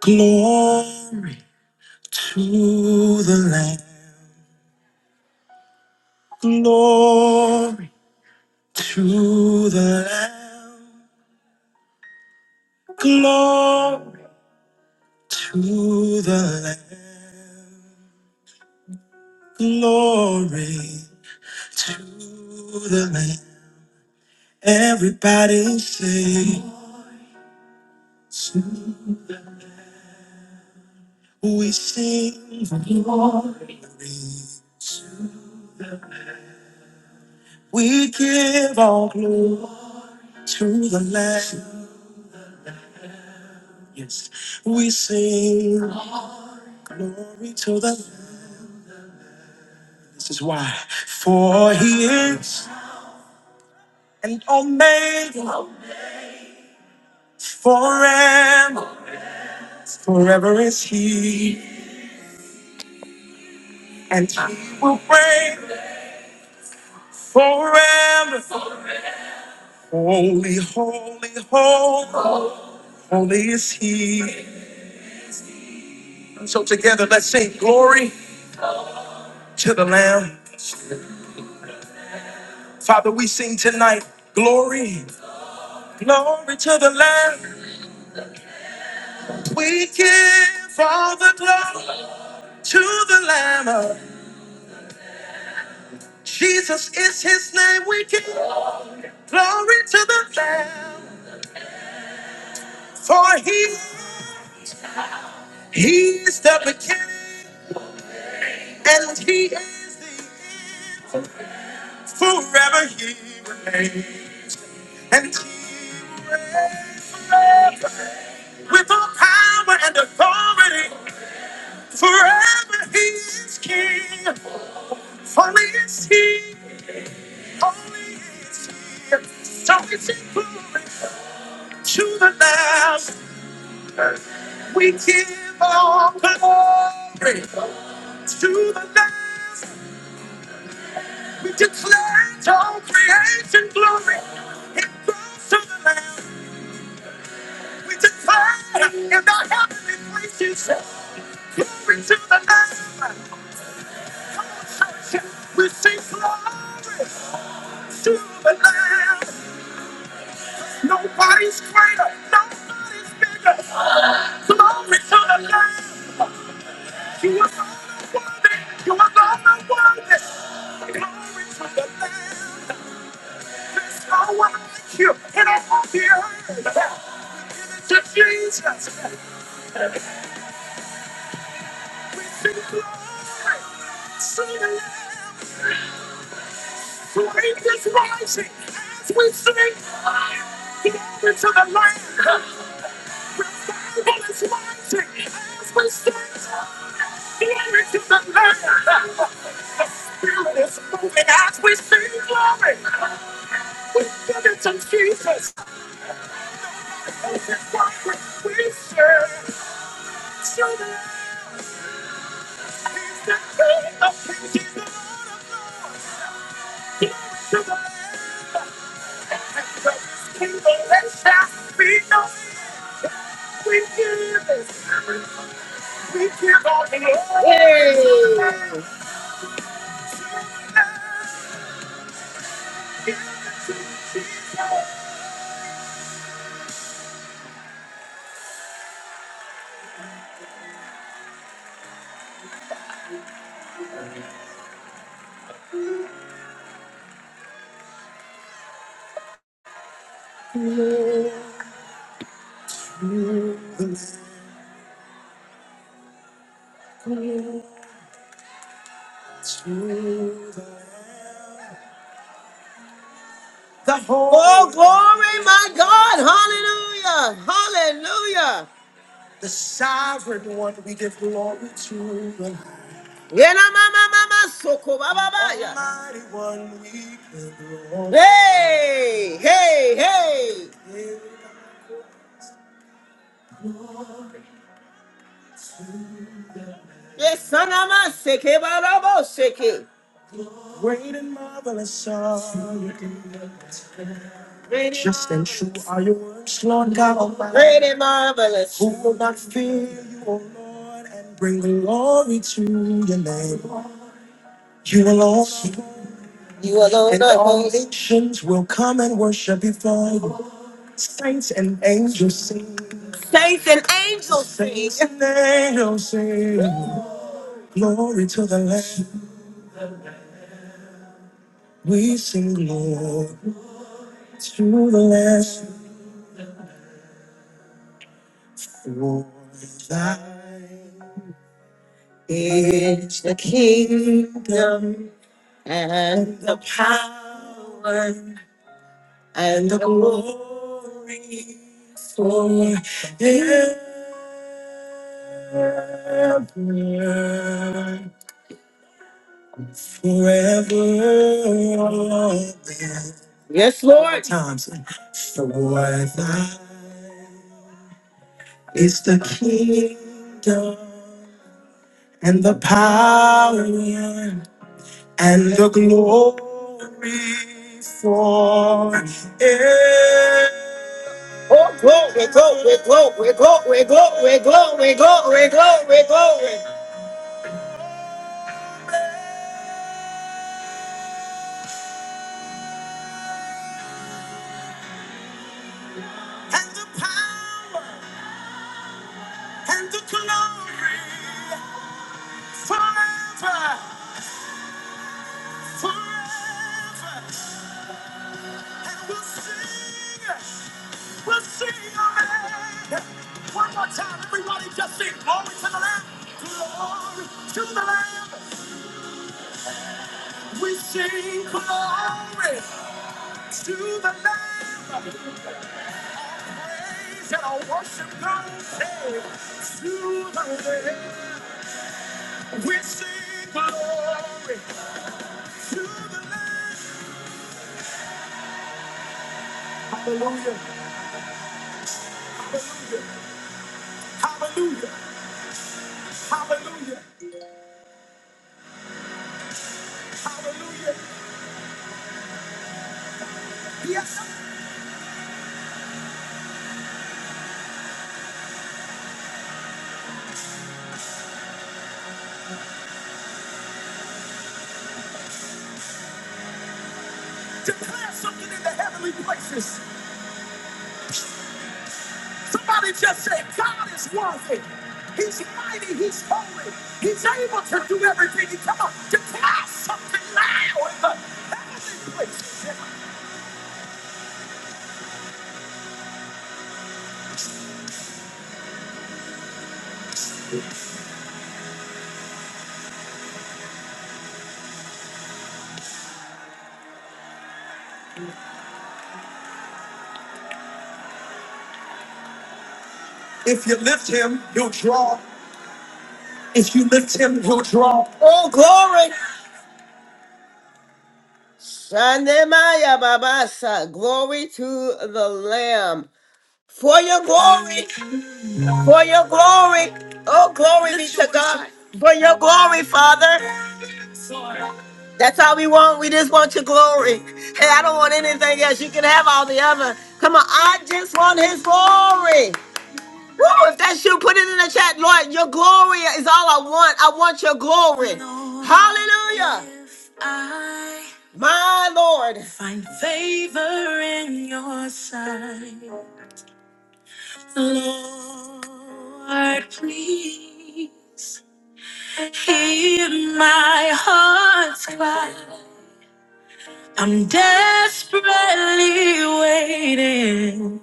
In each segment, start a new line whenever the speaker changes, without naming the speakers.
Glory to the Lamb. Glory to the Lamb. Glory to the Lamb. Glory to the Lamb. Everybody sings. We sing. glory. We give all glory to the Lamb. Yes, we sing glory to the Lamb. This is why. For he is and omega forever. Forever is he. And he will reign forever. Holy, holy, holy, holy is he. So together let's sing glory to the Lamb. Father, we sing tonight glory, glory to the Lamb. We give all the glory to the Lamb. Jesus is his name. We give Glory to the Lamb, for he, he is the beginning and he is the end. Forever he remains and he reigns with all power and authority. Forever he is king. Holy is he, holy is he. So it's glory to the Lamb. We give all glory. to the last, We declare all creation glory. It goes to the last, We declare in the heavenly places glory to the last. We sing glory to the last. Nobody's greater. Nobody's bigger. Glory to the last. You are all worthy. You are all worthy. Glory to the last. There's no one like you in all the earth. It's Jesus. We sing glory, sing aloud. The rain is rising as we sing. Glory to the Lamb. The devil is rising as we stand. Glory to the Lamb. The spirit is moving as we sing glory. We give it to Jesus. Oh, it's what we say, sing aloud. It's not true. It's glorious. Oh, glory, my God. Hallelujah. Hallelujah. Yeah, na, ma, ma, ma, ma, soko, ba, ba, ba, ya. Hey, hey, hey. Yes, Sanama Seke Barabo Seke. Great and marvelous are your deeds. Great and Just and true marvelous. are your works, Lord God Almighty. Great and marvelous. Who will not fear you, O Lord, and bring glory to your name? You alone, You alone and are all holy. nations will come and worship before you. Saints and angels sing. Saints and angels sing. Saints and angels sing. Glory to the Lamb. We sing glory to the last for thine is the kingdom and the power and the glory forever, forever. Yes, Lord. Times for thine. It's the kingdom and the power and the glory for it. Oh, glory, glory, glory, glory, glory, glory, glory, glory, glory. And the power and the glory forever, forever. And we'll sing. will see your name. One more time, everybody just sing glory to the Lamb. Glory to the Lamb. We sing glory to the Lamb. Praise and our worship goes hey, to the Lamb. We sing glory to the Lamb. Hallelujah. Hallelujah. Hallelujah. Hallelujah. Hallelujah. Yes. Declare something in the heavenly places. Somebody just say, God is worthy. He's mighty. He's holy. He's able to do everything. He- Come on, declare something loud. in the heavenly places. If you lift him, he'll draw. If you lift him, he'll draw. Oh, glory! Shandemaya babasa. Glory to the Lamb. For your glory, for your glory. Oh, glory be to God. For your glory, Father. That's all we want. We just want your glory. And I don't want anything else. You can have all the other. Come on, I just want his glory. Woo, if that's you, put it in the chat. Lord, your glory is all I want. I want your glory. Hallelujah. if I My Lord. Find favor in your sight. Lord, please hear my heart's cry. I'm desperately waiting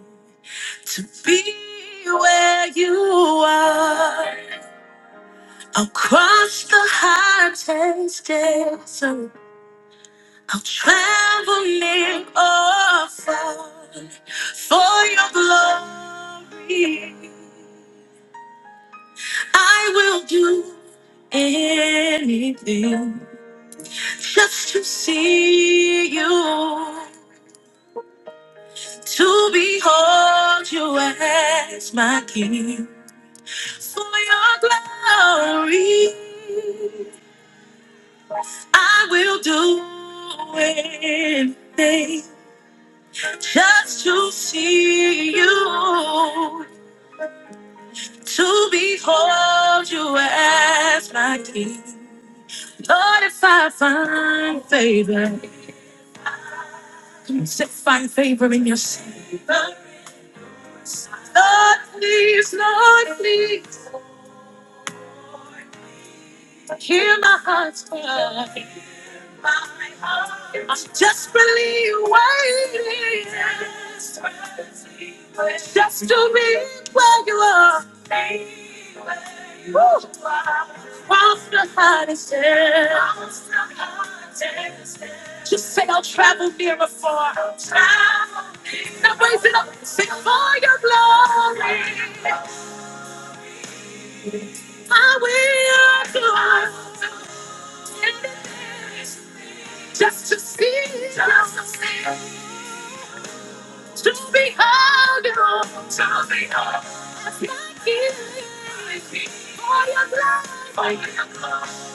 to be where you are. I'll cross the hottest desert. I'll travel near or far for your glory. I will do anything just to see you. to behold you as my king. For your glory, I will do anything just to see you, to behold you as my king. Lord, if I find favor, if I find favor in your sight, Lord, please, Lord, please, hear my heart's cry. I'm desperately waiting. Just to be where you are. Woo. Across the hottest air. Just say I'll travel near or far. Now raise it up. Sing for your glory. I will do it. Just to see. you. To be hugged, on, to be hugged. That's my gift. For your love, for your love.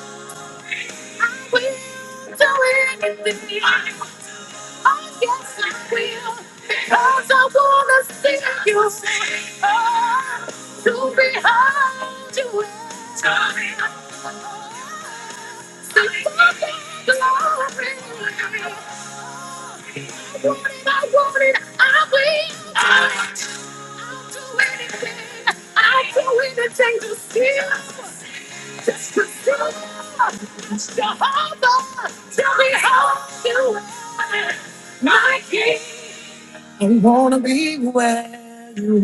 I will do anything. I will I guess I will, because I wanna see you. sing. Oh, to be hard to win. To be hard. See my glory. When I wanted? I will. I'll do anything. I'll do anything to see you. Just to see you. Jehovah, tell me how you are. My king. I wanna be where you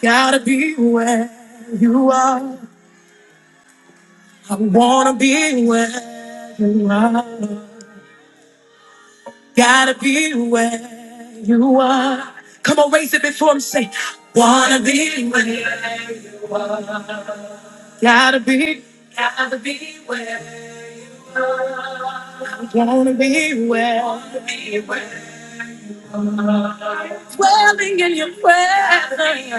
gotta be where you are. I wanna be where you are. Gotta be where you are. Come on, raise it before him. Say, wanna be where. Gotta be, wanna be well. Dwelling in your presence.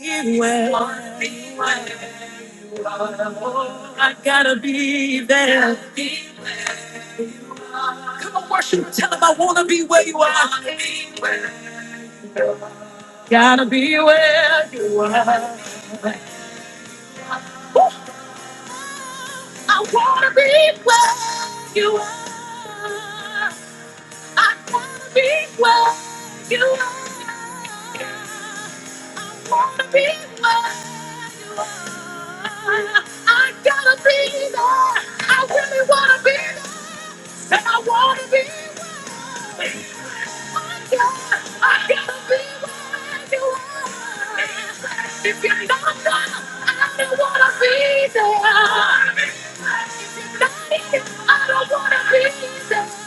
Be well. I gotta be there. Come on, worship. Tell them I wanna be where you are. Gotta be where you are. Ooh, I wanna be where you are. I wanna be where you are. Wanna be where you are. I gotta be there. I really wanna be there. And I wanna be where you are. I gotta be where you are. If you're not there, I don't wanna be there. If you're not here, I don't wanna be there.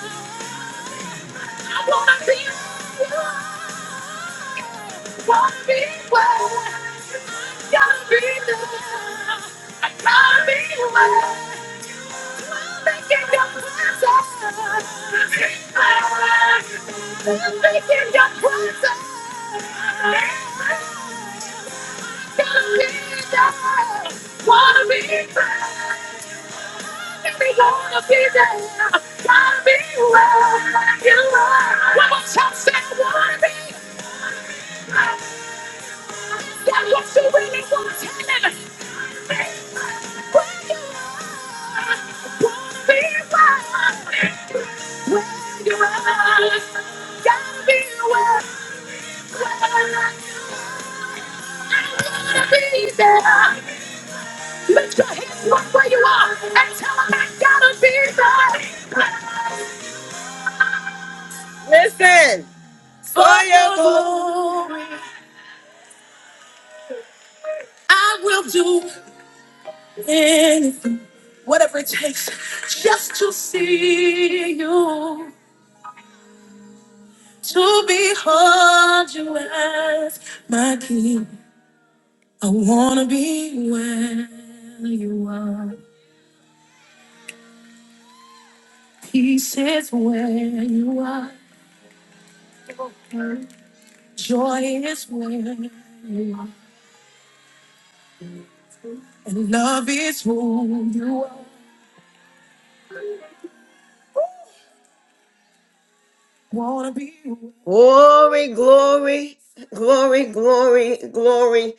I wanna be you. wanna be where I gotta be there. I gotta be where I'm making your presence. I'm making your presence. is better. Gotta be there. Wanna be there. We're gonna be there. Gotta be where you are. One more time, say I wanna be. That's what you really want to tell me. Where you are. Wanna be where where you are. Gotta be where where you are. I wanna be there. Lift your hands up where you are and tell them I gotta be there. Listen. For your glory, I will do anything, whatever it takes, just to see you, to behold you as my king. I wanna be where you are. Peace is where you are. Glory, glory, glory, glory, glory.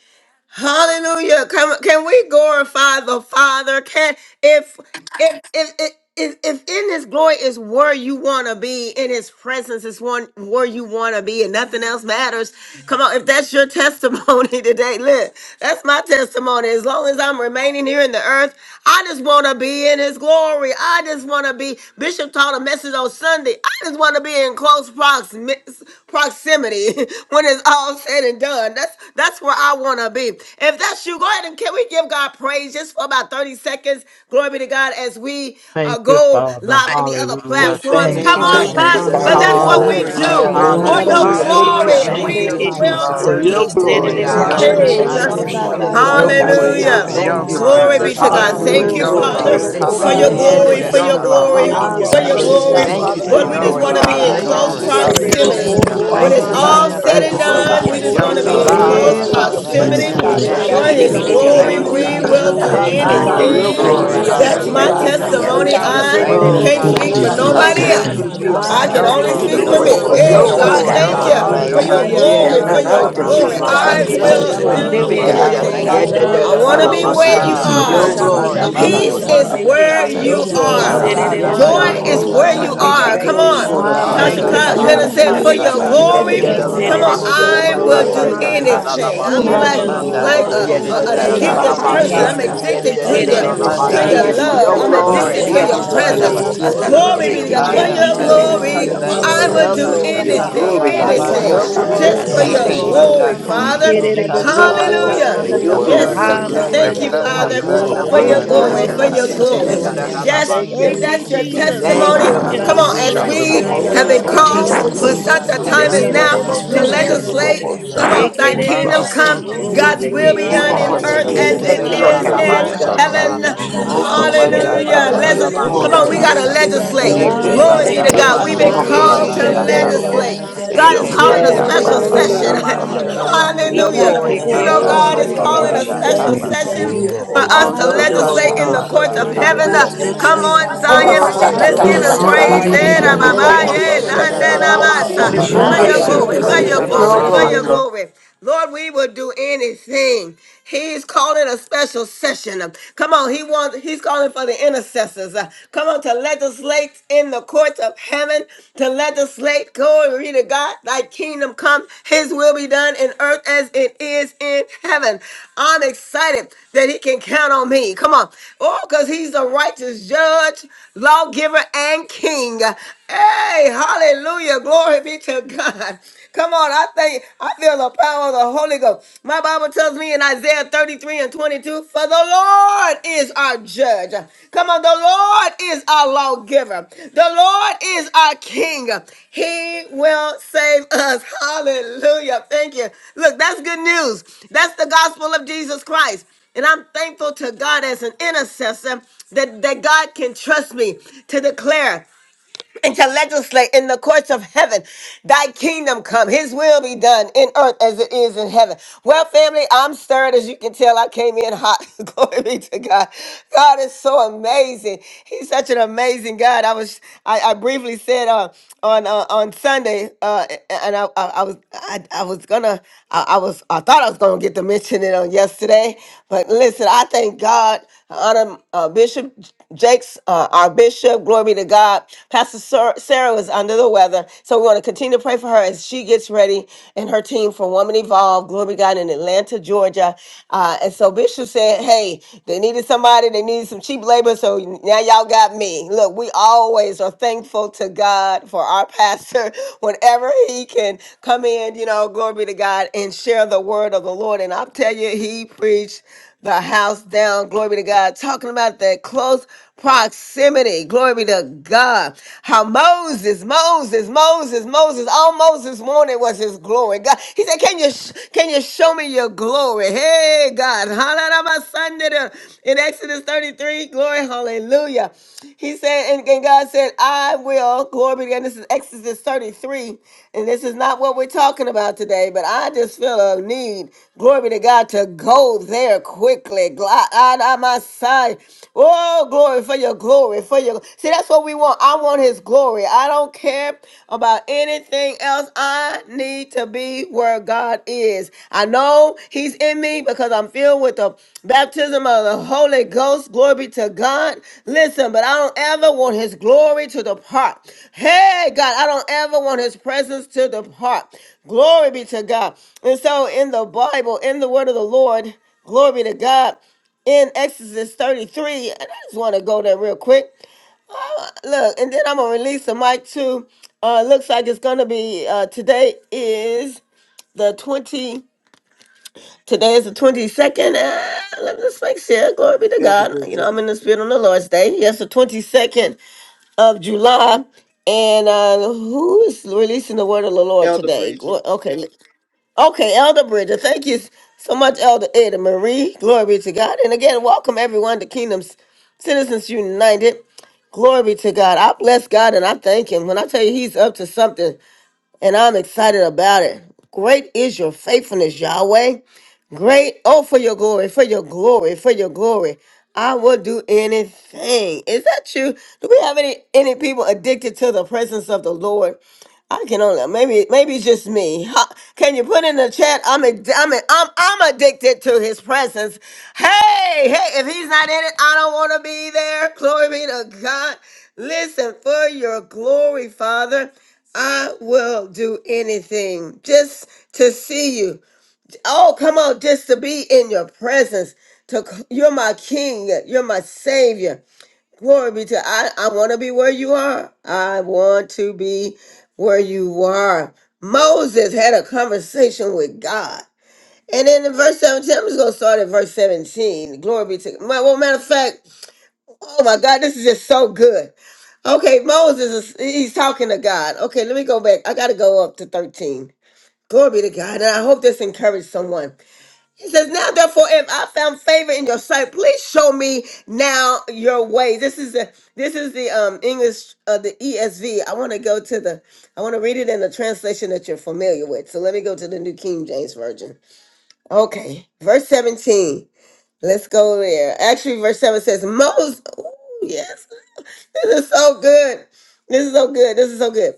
Hallelujah. Can, can we glorify the Father? Can if if if if if if in his glory is where you want to be, in his presence is one where you want to be, and nothing else matters. Come on, if that's your testimony today, look, that's my testimony. As long as I'm remaining here in the earth, I just want to be in his glory. I just want to be. Bishop taught a message on Sunday. I just want to be in be in close proximi- proximity when it's all said and done. That's that's where I want to be. If that's you, go ahead and can we give God praise just for about 30 seconds? Glory be to God as we uh,
Thank you,
go
Father.
live on the other
Hallelujah.
Hallelujah.
Bless his
platforms.
Thank
Thank
Come
name
you,
you,
on,
this
Thank
Thank
Lord.
you,
you,
morning.
cuz,
Jesus.
Labashe,
because
Father
Jesus.
that's
Hallelujah.
what
God.
Hallelujah.
we
Hallelujah.
Glory to
Hallelujah.
your
do.
We
name,
For
bless
Glory
your
your
Hallelujah.
Jesus.
Hallelujah.
Ramasanda
be
name,
Harabokoro
to
Hallelujah.
the
We
God.
glory,
Thank
We
we
Lamb
Ramasete
you,
give
of
shandeke.
magnify
you
Thank
you,
you,
Jesus,
will
God.
for
For
God.
glory,
do
Robosianda.
your
your
Jesus.
God,
Thank
We
glory,
you,
for
glory.
God.
Thank you,
exalt
Father,
your
Father
your
we
Iserebokoro
God.
Father.
Ramasanda
name.
bless
I
We
your
glory,
Hallelujah.
for
do
name
I
worship
on
your
you,
shandaka
anything
this
for
want to
Lord,
glory,
in
Rabasorianda
Thank
morning,
your
be
the
you,
God. We
glory,
beauty of
where
give
sarabokoro
Rabase.
your
you
God.
you
for
Hallelujah.
Jesus.
your
Shandalabosataya.
Thank
glory.
shande.
you,
holiness,
are,
Hallelujah.
God.
Glory
glory,
Jesus.
be
We
Father
to
God,
honor
God,
God.
God.
Thank
you.
we
you,
We
for
Hallelujah.
Thank you,
Hallelujah.
Ramasotorianda
Lord.
give
bless
your
We
you.
you
Oh,
Glory to
Father,
your
glory.
Hallelujah.
taste
praise,
Rabase
name,
and
oh
for
We
Father.
Ikarabokoro
see
God.
your
glorify
that
lift
the
your
Hallelujah.
Yeah, da,
you
For
glory,
Lord
da,
up,
name.
for
is
Hallelujah.
da,
shandaka.
your
Kernomosha.
your
da,
Father
la,
good.
God,
la,
glory,
We
Lord,
glory,
in
la,
the
Thank
And
you
Lord.
you,
thank
his
for
are
name
shun.
of
your
thank
you,
worthy,
you,
mercies
Thank
Lord,
Jesus.
you,
God.
glory.
thank
endure
for
Asarabokoro
Thank
Thank
you
you,
you
Father,
Father
for
For
for
the
we
your
Lord,
thank
who
forever,
we
your
you.
God.
you
just
thank
glory,
shandeke.
glory.
want to
you, oh
God.
are.
be
glory,
in
God.
Thank
close
you.
Hallelujah.
We
glory.
We thank
say
you
Thank you
for
Ramasotorianda
for
who
proximity.
yes to
your
Hallelujah.
you
Iserebokoro
When
are,
Thank
your
Thank
you
it's
oh
you,
for
glory,
shanda.
your
Ooh,
Ramasende
God.
name.
all
We
oh
Jesus.
said
thank
and
We
presence,
God.
Rabashe.
you,
oh
oh
say
God.
God,
done,
Thank
For
we
you
yes
just
to
your
for
want
Arabokoro
to
in
your
the
being
be in
Shandalabosataya.
glory,
able
name
to
of
God,
close
Lord.
glory.
be
Yes,
shandeke.
in
my
your
Jesus for
Lord.
Yes,
Thank
nothing
Hallelujah.
presence,
all
proximity.
else
Holy
God,
you,
that
to
you
Father,
For
matters
bask
have
We
but
in
his
your
done
your
Ikerebokoro
God.
say
and
Ramasanda
glory,
glory,
glory,
Thank
oh
God.
everything
you,
we
glory,
God.
shandeke.
Yeah,
that
Hidibidididiyobokata.
will
you're
na
Rabashanda
do
na
glory,
Jesus.
doing.
Father,
Thank
Lord,
oh
you
I
for
God,
Thank
Ramase.
we
Glory,
you,
your
don't
na na
glorify
glory.
take
anything.
na
you,
glory.
it
glory.
Arabokoro
We
I
na
Lord
na na
God.
do
Jesus.
say
na
I
That's
Iando
lightly, oh
my
ba
anything,
God.
oh
ba
shandeke.
magnify
God.
Hallelujah.
ya
holy,
da
you. I
Boshanda
da
But
ba
testimony.
lift
shi
God,
you
ya
Yelabosandalabosataya.
we
da
up,
holy,
da
I
da
Lord
Thank
bless
Ramasanda
holy
ya
Oh
God.
you,
da
your
can't
da.
God,
name,
I
speak
oh
for
watching
give
Ramasa
God,
is
Jesus.
Yelabosita.
Jesus.
you
and we
the
over
Lord
Isha
us,
give
Yes,
nobody
God.
for
na
Isererebokoro-shandeke,
glory.
you
I
God.
the
na
else.
na
Lord.
give
na
keeping
you
na
Hallelujah.
the
praise,
na
oh
us.
na
For
I
na
honor.
Thank
Ramasanda
I
can
God.
ba
Thank
your
you,
you,
ba
give
only
ya da
you
glory,
the
da
speak
Father,
da
for
Lord,
Jesus,
in the
for
Lord.
me.
da
praise
Ramashende
you
da
for
Hidibidididiyobokata.
the
are
name
da
There's
da
of
God,
arabokoro-shandaka.
Hey,
your
bright
da
no
worthy,
da
other
God,
in
Jesus,
light.
glory,
da da da
God
for
da
your
Jesus.
thank
da
Rabosike
but
God.
da
you,
being
you
ya
our
We
glory.
Lord
da da
for
Yelabosandalabosataya.
hedge
God.
ya na
your
Hallelujah.
of
Hallelujah.
Nobody
na na na
Yeah,
can do
Ianda
There's
na
da
glory,
glorify
protection,
da
da
for
none
us
You
ba
da
for
your
shi
you.
like
da
other
are
ya
you
da
da
but
being
da
da
We
you,
Ramasanda
glory.
worthy,
da
our
can.
ba
da.
Lord
God.
God.
I
shit,
healer,
Hekarabokoro-shandeke,
You
da
Hey,
know
da
magnify
our
Hallelujah.
da
will
that
Ramashande
you.
Yeah,
de
you
da
Ya
are
da
na
da
do
Yamando
na
deliverer.
living
ba
na
Yelabosita.
na
Rabase
God,
I
na
We
Thank
shit,
na
Lord
na
you,
anything.
da
thank
yeah,
God.
thank
you,
da
Yarabasaya.
da
da
you.
da
Lord,
ya
I
da
for
da
want
da
da
Tekaba
to
You
da
da
your
be
for
are
ba
ba
glory.
doing
ikererebokoro-shandaka,
shi
where
shit,
worthy,
ya
Ramasete
Shanda,
you
da
thank you,
Ha,
da
for
for
Lord.
ya
shike
da
your
we
Jesus.
da
are.
ya
all
say,
Eh,
Ikando
God,
da
Yelabosandalabosataya.
da
manda
that
glory,
thank
you're
la
you,
ya da
Lord.
Yes,
la
da
Yamando
Peace
doing
da
Boshanda
ba
liye
is
Lord.
ya da
Oroposikisikisikididiyobokata.
asharabokoro-shandeke,
da.
sisa.
where
for
Yarabasaya.
and
E
your
you
all
place
Yanda
Ola
glory,
that
me
Ya
Lord,
you're
Oh
I
are.
na
God.
na
want
where
to
God,
doing.
na
bashanda
be
we
na
you
Yes,
ba
na
where
Rabasanda
na
you
Joy
bless
na
Father.
Hallelujah.
In
are,
is
na
yeke
the
you.
na
ba
Lord
where
da
are. I
da
da
name
Rabasure
you
want
ba
God.
to
da
of
We
be
ya
isererebokoro-shandeke,
da.
are.
da
Jesus.
Yeah,
da
thank
Come
ba
and
you.
on.
shi
closer
We
ya
Oro-
da
Ola
Shakalabosataya.
and
da
honor
da
Tasha
da
thank
Ramasanda
you,
da
closer
you,
ba
bashata
Clark
ba
ya
God.
Leonard
Father.
da
and
da.
Amen.
said,
Ah,
yeke
for
closer
Living
ba
Rabashande
to
your
harabokoro-shandeke,
God,
you,
Yeah,
shaka.
da
Yelabosite
have
glory.
Yabasoya.
da
Ya
your
Father
da
Yes,
Iando
na
da
way.
na
da
Come
na na na
God.
Lord.
na na na na na
on,
ba
We
He
shit,
give
da
Boshanda
da
We
you
da
I
da
ba
da
will
ya da da
thank
da
shikanda
do
shit,
ba
glory.
you,
da
Rabasete
da da
isererebokoro-shandaka.
yelaboshakalabosata.
da
God,
da
for
anything.
ba
I'll
who
be
shit, da
Eke
Hallelujah.
da
like
Ianda
you
shi
da.
ya da
manda
are.
da
Hallelujah.
like
ba ba
a,
koko
Yeah,
Ramasanda
ya
We
da
a-
da
Yelabosite
da
an
da
da.
Hallelujah.
manda
da
thank
da
Rabase
Have
you,
da
addicted
your
Oh,
kalala
ba
way,
harabokoro-shandeke.
person.
Yana
dear
shit,
God,
da
I'm
shata.
da
Jesus.
we
da
yeah,
God.
thank
da
da
you
da
addicted
da
da
da
for
to
Ya
da
Let
who
Thank
yelaboshakalabosata
da
your
your
Eke
Una
Ikerere
da
da
you,
da
you
da
will
ba
are,
da
boko
be
manda
da
to
God.
mistake
ba
shit,
Father
done
your
ro
that
ya
koko
for
da
you
We
God.
love.
da.
Ramasanda
your
yelabosite.
thank
I'm
know
you
kona
of
shandaka.
a
for
We
glory,
addicted
nana
all
Isha
said,
and
to
that
da
Kanadia
Ramasuria
your
shi.
let
da
you've
your
da
Arabo
da
Masada
done,
bo
Thank
bo
presence.
you,
kingdom
ya
kuro
Daramasi.
da
Yando,
da
come.
da
Masada
Jesus.
ya
Rulabosite
na
Glory
Thank
be
sandeke.
na
Hallelujah.
to
you,
na
Masake
God.
na
I
For
na
Dia
Yarabasaya,
am
da
your
da da ba
Jesus.
set
Masada.
Yandorable
ya
free,
da
Ikerere
da
glory,
Glory,
healed,
Soria
bo
and
boko
shi ya
for
Otayamando,
I
glory.
na
yelaboshakalabosata.
delivered.
ro
will
na
your
na
Daramashi.
bo
do
bo
glory,
Hasha
Your
shandaka.
Hallelujah.
kanda
Hallelujah.
Yarabendiaso,
anything,
la
glory,
la
Lord
la
Rababa
for
Thank
God.
anything.
Asarabo
your
Yes,
shaka.
Soria
Only
Yelabosite
glory,
Lord.
kuro
Just
Adabaka,
for
for
Yes
your
your
to
Daramasi.
Eke
your
shandeke.
Esikiando,
glory.
Adabadidio
will
manda
glory,
and
Yes,
Boko,
Hallelujah.
yelaboshakalabosata.
yes
Lord. Thank
to
kolo
you.
Yarabasa,
Dede,
Father.
your
you,
no
Ikerere
way.
for
Jesus.
tanda
boko
Kata.
your
ro
Hallelujah.
Yandanamasanda
Glory,
lata.
glory.
For
Hallelujah.
You're
Otayere,
Yes,
shandaka.
The
your
glory,
Ramasuria
worthy
glory,
Glory
blood,
Yes.
the
to
to
Yabaso,
Lord
be
your
blood,
God.
name,
the
Hallelujah,
glory.
Thank
Daramasi.
you,
God.
praised.
God,
blood, the
Father
Jesus.
blood,
Oro
the
Hallelujah.
for
Rababa
From
your
Glory,
the
blood.
Korobo
Soria
glory,
rising
Ekarab-
Hasha
for
of
Kanada
the
your
Thank
glory,
sun
kanda
you,
to
Daramashi.
the
Masikia
glory.
lata.
going down
Jesus.
of the
Sadada
glory.
Yes,
Thank
same,
you,
if
your
Badidio
Yedidididididabashedikorashedidididididabashedi.
Thank
You
thank
you,
that's
name
are
will
you,
your
Masada.
an
be
thank
Jesus.
you.
exalted,
Thank
Kolo
testimony,
your
One
you.
amazing
Hallelujah.
on the
name
come
shaka
will
on,
be
God.
as
Glory
manda
Sikio
to your
We
we
Rabasutoria
name,
magnified.
Sadadia
have
kalasi.
God.
love
been
Shandalabosata
Oh,
Masaka.
Daramasi.
Oyabaso,
called
taste
you,
Lord.
Ekarabo
and
Kolo
for
see
kuro
that
Lord.
such
the
yelabosite
a
shaka
Lord
time
is
as
We
sandeke.
good
manda
now
Rere
and his
bow
to
boko
kono
yelabosite
Oh,
Yandanamasanda
mercies
no.
Thank
ro
you
you,
down
endure
at
legislate.
Father.
shandeke.
your
forever,
Rabosuria
Come
feet,
on,
God.
Eke
thy
And
Father
Daramashi.
Ekerere
we
yelaboshakalabosata.
kingdom
manda
God,
just
boko
come,
thank
ro
you,
kolori
and we
Robo
God's
God.
give
We
sandeke.
you
will be
Soria
just
done
Oro
all
in
thank you,
the
Ekarabo
earth
Koseke,
Lord.
shikananda
Daramashi.
Da,
Hallelujah.
as
kuro
da, da,
thank
it
glory.
you,
die
da,
Lord
ba,
We
is
God.
ya,
shandeke.
kika
da, na,
give
na,
in
manda
you
na, na, na, da,
all
da,
lase.
Yedidididididabashedikora.
Shandalobosataya
bo,
the
heaven.
shi, ya,
Yandanamasanda
da, da,
Thank you,
ba,
Oko
honor.
ya.
lolobosite.
Hallelujah.
Jesus.
manda
Ramasuria
Hallelujah.
kaba
Honor
Ya,
Oyabasoya,
da, da,
Let's
Darabasi.
shike
ya,
Oh,
Come
da,
belongs
do,
on,
to
do,
we
Yedididididididabashedi.
do,
manda
da,
got to
you,
Akarabokoro-shandeke,
sha.
do,
ya, da,
Yolobosite,
do.
ya,
Lord.
na,
legislate.
Yandara
na,
Thank
la
na,
Eke
Only
da,
We
da,
Glory
da,
be
da,
manda
to
Masuria.
ba,
yolobosite,
ya,
God.
da,
thank
da,
We've
kolo
da,
been
you,
Esikiando,
ya,
Arabokoro-shandeke,
Oro
da, da,
Mando
ya,
shike
na,
called
Yere,
na,
to
na,
manda
na,
Yedidididididabashedikorashedidi.
na, na,
Boshande la
na,
kaba.
Koseke,
Yabaso,
da, da, da,
legislate.
Rerebokoro-shandeke,
ba.
yolobosite,
Jesus.
Bahaya.
God is
Eke
calling
Only
a
Yes,
manda
Ishara
special
Esikiando,
kala
session.
Hey,
shakaba
Ikererebokoro-shande,
Yarabase,
sha.
yolobosatelobosataya.
yedidididididabashedikora. for
Hallelujah.
your
Hallelujah.
glory,
Eke
for
Orianda
You
la
your
Thank
know,
manda
you
God
Ikiamando,
glory,
Masi.
is
koko
for
Ikarabokoro-shandeke,
your
calling a
manda
Yarabase.
special
Thank
Lamb.
kaba
you, thank
se.
Rerebokoro-shandeke,
session
You
you,
for
for
thank
for
are
us
you,
Wolobosite,
to
the
your
Oso
Lamb
Father.
glory,
legislate
of
kanda
in the
God.
courts
Arabokoro-shandeke,
God
manda
of
kala
heaven.
who
Uh,
she.
take
yolobosatelobosataya.
Come
Rabasanda
away
Rerebokoro-shanda.
on,
all the
Oro
Zion.
Kolo
Rabashoto
Glory,
sins
Masaka,
Let's
of
Rianda
Tata
give
glory,
him
this
Hallelujah.
Yes,
Tata
Ramas.
shakamanda.
Tata
world.
Glory
praise.
to
Yolobosite,
Aya
your
Eh,
hallelujah.
da, ba,
name.
ba,
Thank
Eke
Happy
Tata
you.
masoya.
are
yeah,
bosho
da,
those
Ramasanda
kanda
na,
who
la
na,
are
la
ma,
la la
Ondi
sa.
gathered
la
yolobosatelobosataya.
Ramasete
la
esi
For
around
la
Hallelujah,
your
let
la
me
you,
praise
Eke
glory,
iando
la
de
for
patient
your
for
yere
Father
glory,
your
Arabokoro-shandeke,
Robosia.
ya
for
glory,
your
God.
Yedididididabashedikorashedididididabashedi.
Rerebo-
Lord.
baso.
glory. Lord, we would do anything. He's calling a special session. Come on, he wants he's calling for the intercessors. Uh, Come on to legislate in the courts of heaven, to legislate, glory to God, thy kingdom come, his will be done in earth as it is in heaven. I'm excited that he can count on me. Come on. Oh, because he's the righteous judge, lawgiver, and king. Hey, hallelujah. Glory be be to God. Come on, I think I feel the power of the Holy Ghost. My Bible tells me in Isaiah 33 and 22, for the Lord is our judge. Come on, the Lord is our lawgiver. The Lord is our king. He will save us. Hallelujah. Thank you. Look, that's good news. That's the gospel of Jesus Christ. And I'm thankful to God as an intercessor that, that God can trust me to declare and to legislate in the courts of heaven. Thy kingdom come, his will be done in earth as it is in heaven. Well, family, I'm stirred as you can tell. I came in hot. Glory be to God. God is so amazing. He's such an amazing God. I was I, I briefly said uh, on uh, on Sunday, uh, and I, I, I was I, I was gonna I, I was I thought I was gonna get to mention it on yesterday, but listen, I thank God honor uh, Bishop Jake's, uh, our bishop. Glory be to God. Pastor Sar- Sarah was under the weather. So we want to continue to pray for her as she gets ready and her team for Woman Evolved. Glory be to God in Atlanta, Georgia. Uh, and so Bishop said, hey, they needed somebody. They needed some cheap labor. So now y'all got me. Look, we always are thankful to God for our pastor whenever he can come in, you know, glory be to God and share the word of the Lord. And I'll tell you, he preached the house down. Glory be to God. Talking about that close proximity. Glory be to God. How Moses, Moses, Moses, Moses, all Moses wanted was his glory. God, he said, "Can you sh- can you show me your glory?" Hey, God, Hallelujah. in Exodus thirty three, glory, hallelujah. He said, and, and God said, I will. Glory be to God. This is Exodus 33. And this is not what we're talking about today, but I just feel a need, glory be to God, to go there quickly. Gl- God, on my side. Oh, glory for your glory. For your see, that's what we want. I want his glory. I don't care about anything else. I need to be where God is. I know He's in me because I'm filled with the baptism of the Holy Ghost. Glory be to God. Listen, but I don't ever want His glory to depart. Hey, God, I don't ever want His presence to depart. Glory be to God. And so in the Bible, in the word of the Lord, glory be to God. In Exodus 33, and I just want to go there real quick. Uh, Look, and then I'm gonna release the mic too. Uh, looks like it's gonna be uh, today is the 20 today is the 22nd Ah, let me just make sure glory be to
Elder
god you know
Bridget.
i'm in the spirit on the lord's day yes the 22nd of july and uh who is releasing the word of the lord
Elder
today Glo-
Bridget.
okay okay elder bridger thank you so much elder ada marie glory be to god and again welcome everyone to kingdoms citizens united Glory be to God. I bless God and I thank Him. When I tell you He's up to something and I'm excited about it, great is your faithfulness, Yahweh. Great, oh, for your glory, for your glory, for your glory. I will do anything. Is that true? Do we have any any people addicted to the presence of the Lord? I can only maybe maybe it's just me. Ha- Can you put in the chat? I'm ad- I'm ad- I'm I'm addicted to His presence. Hey hey, if He's not in it, I don't want to be there. Glory be to God. Listen for your glory, Father. I will do anything just to see you. Oh, come on, just to be in your presence. To c- you're my king, you're my savior. Glory be to I. I want to be where you are. I want to be where you are. Moses had a conversation with God. And then in verse 17, I'm just gonna start at verse 17. Glory be to my well, matter of fact, oh my God, this is just so good. Okay, Moses is he's talking to God. Okay, let me go back. I gotta go up to 13. Glory be to God. And I hope this encouraged someone. It says, Now therefore, if I found favor in your sight, please show me now your way. This is the this is the um English uh, the ESV. I want to go to the I want to read it in the translation that you're familiar with. So let me go to the New King James Version. Okay, verse 17. Let's go there. Actually, verse 7 says, Moses, ooh, yes, this is so good. This is so good. This is so good.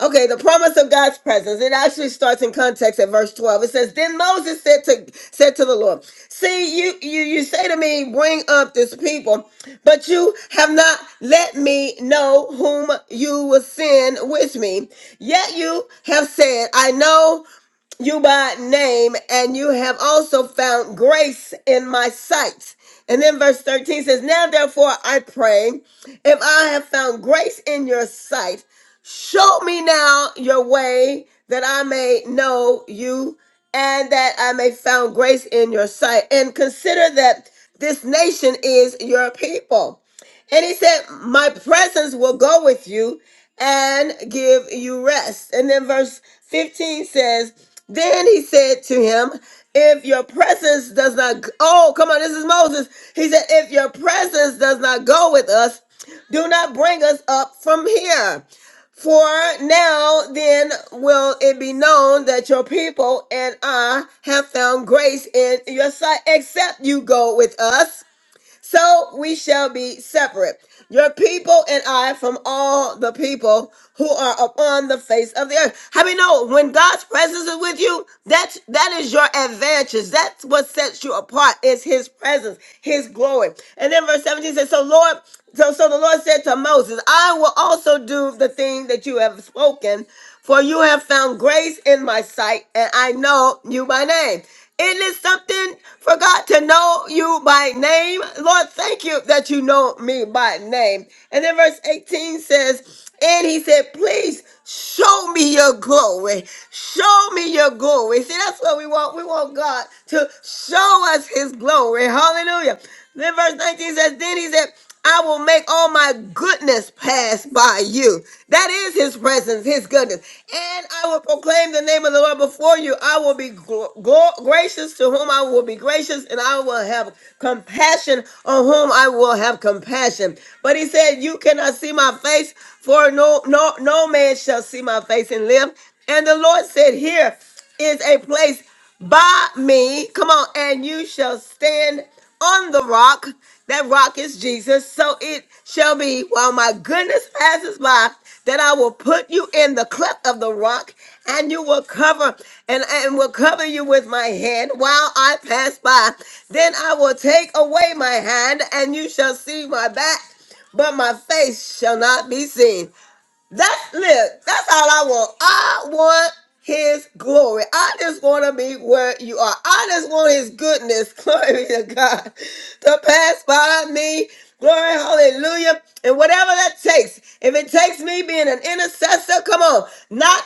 Okay, the promise of God's presence. It actually starts in context at verse 12. It says, Then Moses said to said to the Lord, See, you you you say to me, Bring up this people, but you have not let me know whom you will send with me. Yet you have said, I know you by name, and you have also found grace in my sight. And then verse 13 says, Now therefore I pray, if I have found grace in your sight, show me now your way that I may know you and that I may found grace in your sight. And consider that this nation is your people. And he said, My presence will go with you and give you rest. And then verse 15 says, Then he said to him, If your presence does not, oh, come on, this is Moses. He said, If your presence does not go with us, do not bring us up from here. For now then will it be known that your people and I have found grace in your sight, except you go with us so we shall be separate, your people and I, from all the people who are upon the face of the earth. How we know when God's presence is with you? That's that is your advantage. That's what sets you apart. Is His presence, His glory. And then verse seventeen says, "So Lord." So, so the Lord said to Moses, I will also do the thing that you have spoken, for you have found grace in my sight, and I know you by name. Isn't it something for God to know you by name? Lord, thank you that you know me by name. And then verse 18 says, And he said, Please show me your glory. Show me your glory. See, that's what we want. We want God to show us his glory. Hallelujah. Then verse 19 says, Then he said, I will make all my goodness pass by you. That is his presence, his goodness. And I will proclaim the name of the Lord before you. I will be gl- gl- gracious to whom I will be gracious, and I will have compassion on whom I will have compassion. But he said, You cannot see my face, for no no no man shall see my face and live. And the Lord said, Here is a place by me. Come on, and you shall stand on the rock. That rock is Jesus. So it shall be while my goodness passes by that I will put you in the cleft of the rock and you will cover and, and will cover you with my hand while I pass by. Then I will take away my hand and you shall see my back, but my face shall not be seen. That's look, that's all I want. I want his glory. I just want to be where you are. I just want his goodness, glory to God, to pass by me. Glory, hallelujah. And whatever that takes, if it takes me being an intercessor, come on. Not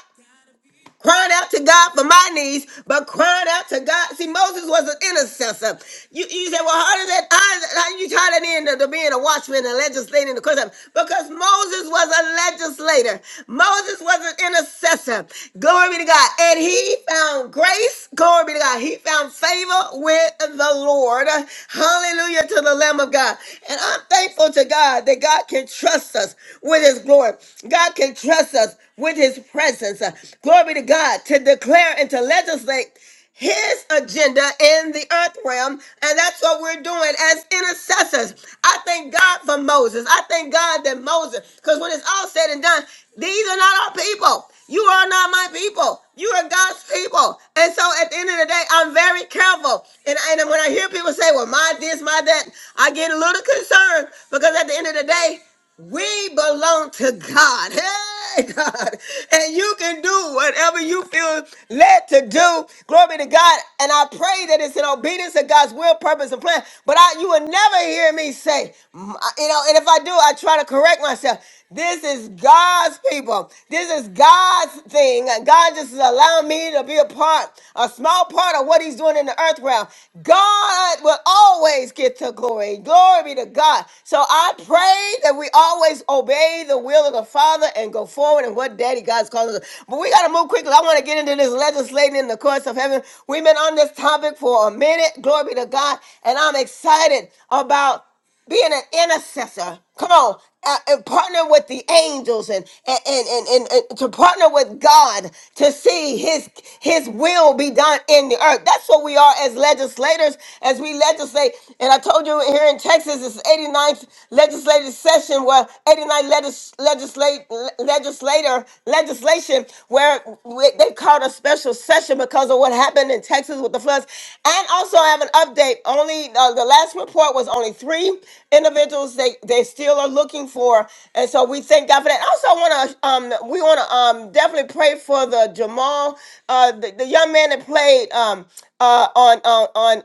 crying out to God for my needs, but crying out to God. See, Moses was an intercessor. You, you say, well, how does that, how, does- how you tie that into to being a watchman and legislating the question? Because Moses was a legislator. Moses was an intercessor. Glory be to God. And he found grace. Glory be to God. He found favor with the Lord. Hallelujah to the Lamb of God. And I'm thankful to God that God can trust us with his glory. God can trust us with his presence. Uh, Glory to God to declare and to legislate his agenda in the earth realm. And that's what we're doing as intercessors. I thank God for Moses. I thank God that Moses, because when it's all said and done, these are not our people. You are not my people. You are God's people. And so at the end of the day, I'm very careful. And, and when I hear people say, well, my this, my that, I get a little concerned because at the end of the day, we belong to God. Hey, God. And you can do whatever you feel led to do. Glory be to God. And I pray that it's in obedience to God's will, purpose, and plan. But I, you will never hear me say, mm, I- you know, and if I do, I try to correct myself. This is God's people. This is God's thing. And God just is allowing me to be a part, a small part of what He's doing in the earth realm. God will always get to glory. Glory be to God. So I pray that we always obey the will of the Father and go forward in what Daddy God's calling us. But we got to move quickly. I want to get into this legislating in the courts of heaven. We've been on this topic for a minute. Glory be to God. And I'm excited about being an intercessor. Come on, uh, and partner with the angels and and, and and and to partner with God to see His His will be done in the earth. That's what we are as legislators, as we legislate. And I told you here in Texas, it's eighty ninth legislative session where 89 legis, legislate legislator legislation where we- they called a special recession because of what happened in Texas with the floods. And also, I have an update. Only uh, the last report was only three individuals they they still are looking for, and so we thank God for that. Also, I want to um we want to um definitely pray for the Jamal uh the, the young man that played um uh on on on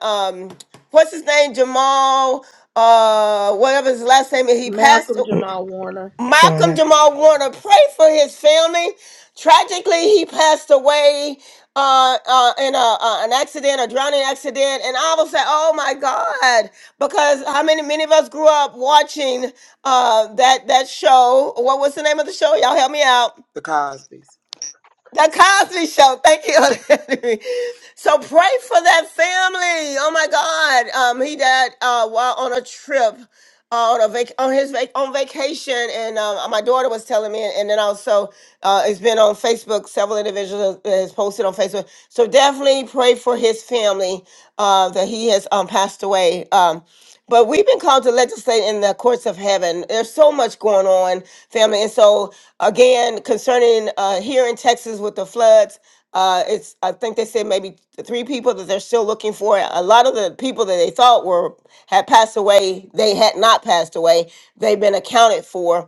um what's his name Jamal uh whatever his last name is he passed
Malcolm
Mm,
Jamal Warner.
Malcolm
Lorna,
Jamal Warner, pray for his family. Tragically, he passed away uh, uh, in a, uh, an accident, a drowning accident, and I was like, "Oh my God!" Because how many many of us grew up watching uh, that that show? What was the name of the show? Y'all help me out.
The Cosbys.
The Cosby Show. Thank you. Henry. so pray for that family. Oh my God. Um, he died uh, while on a trip, uh, on a vac- on his vac- on vacation, and um, my daughter was telling me, and then also uh, it's been on Facebook. Several individuals has posted on Facebook. So definitely pray for his family uh, that he has um, passed away. Um, but we've been called to legislate in the courts of heaven. There's so much going on, family. And so, again, concerning uh, here in Texas with the floods, uh, it's I think they said maybe three people that they're still looking for. A lot of the people that they thought were had passed away, they had not passed away. They've been accounted for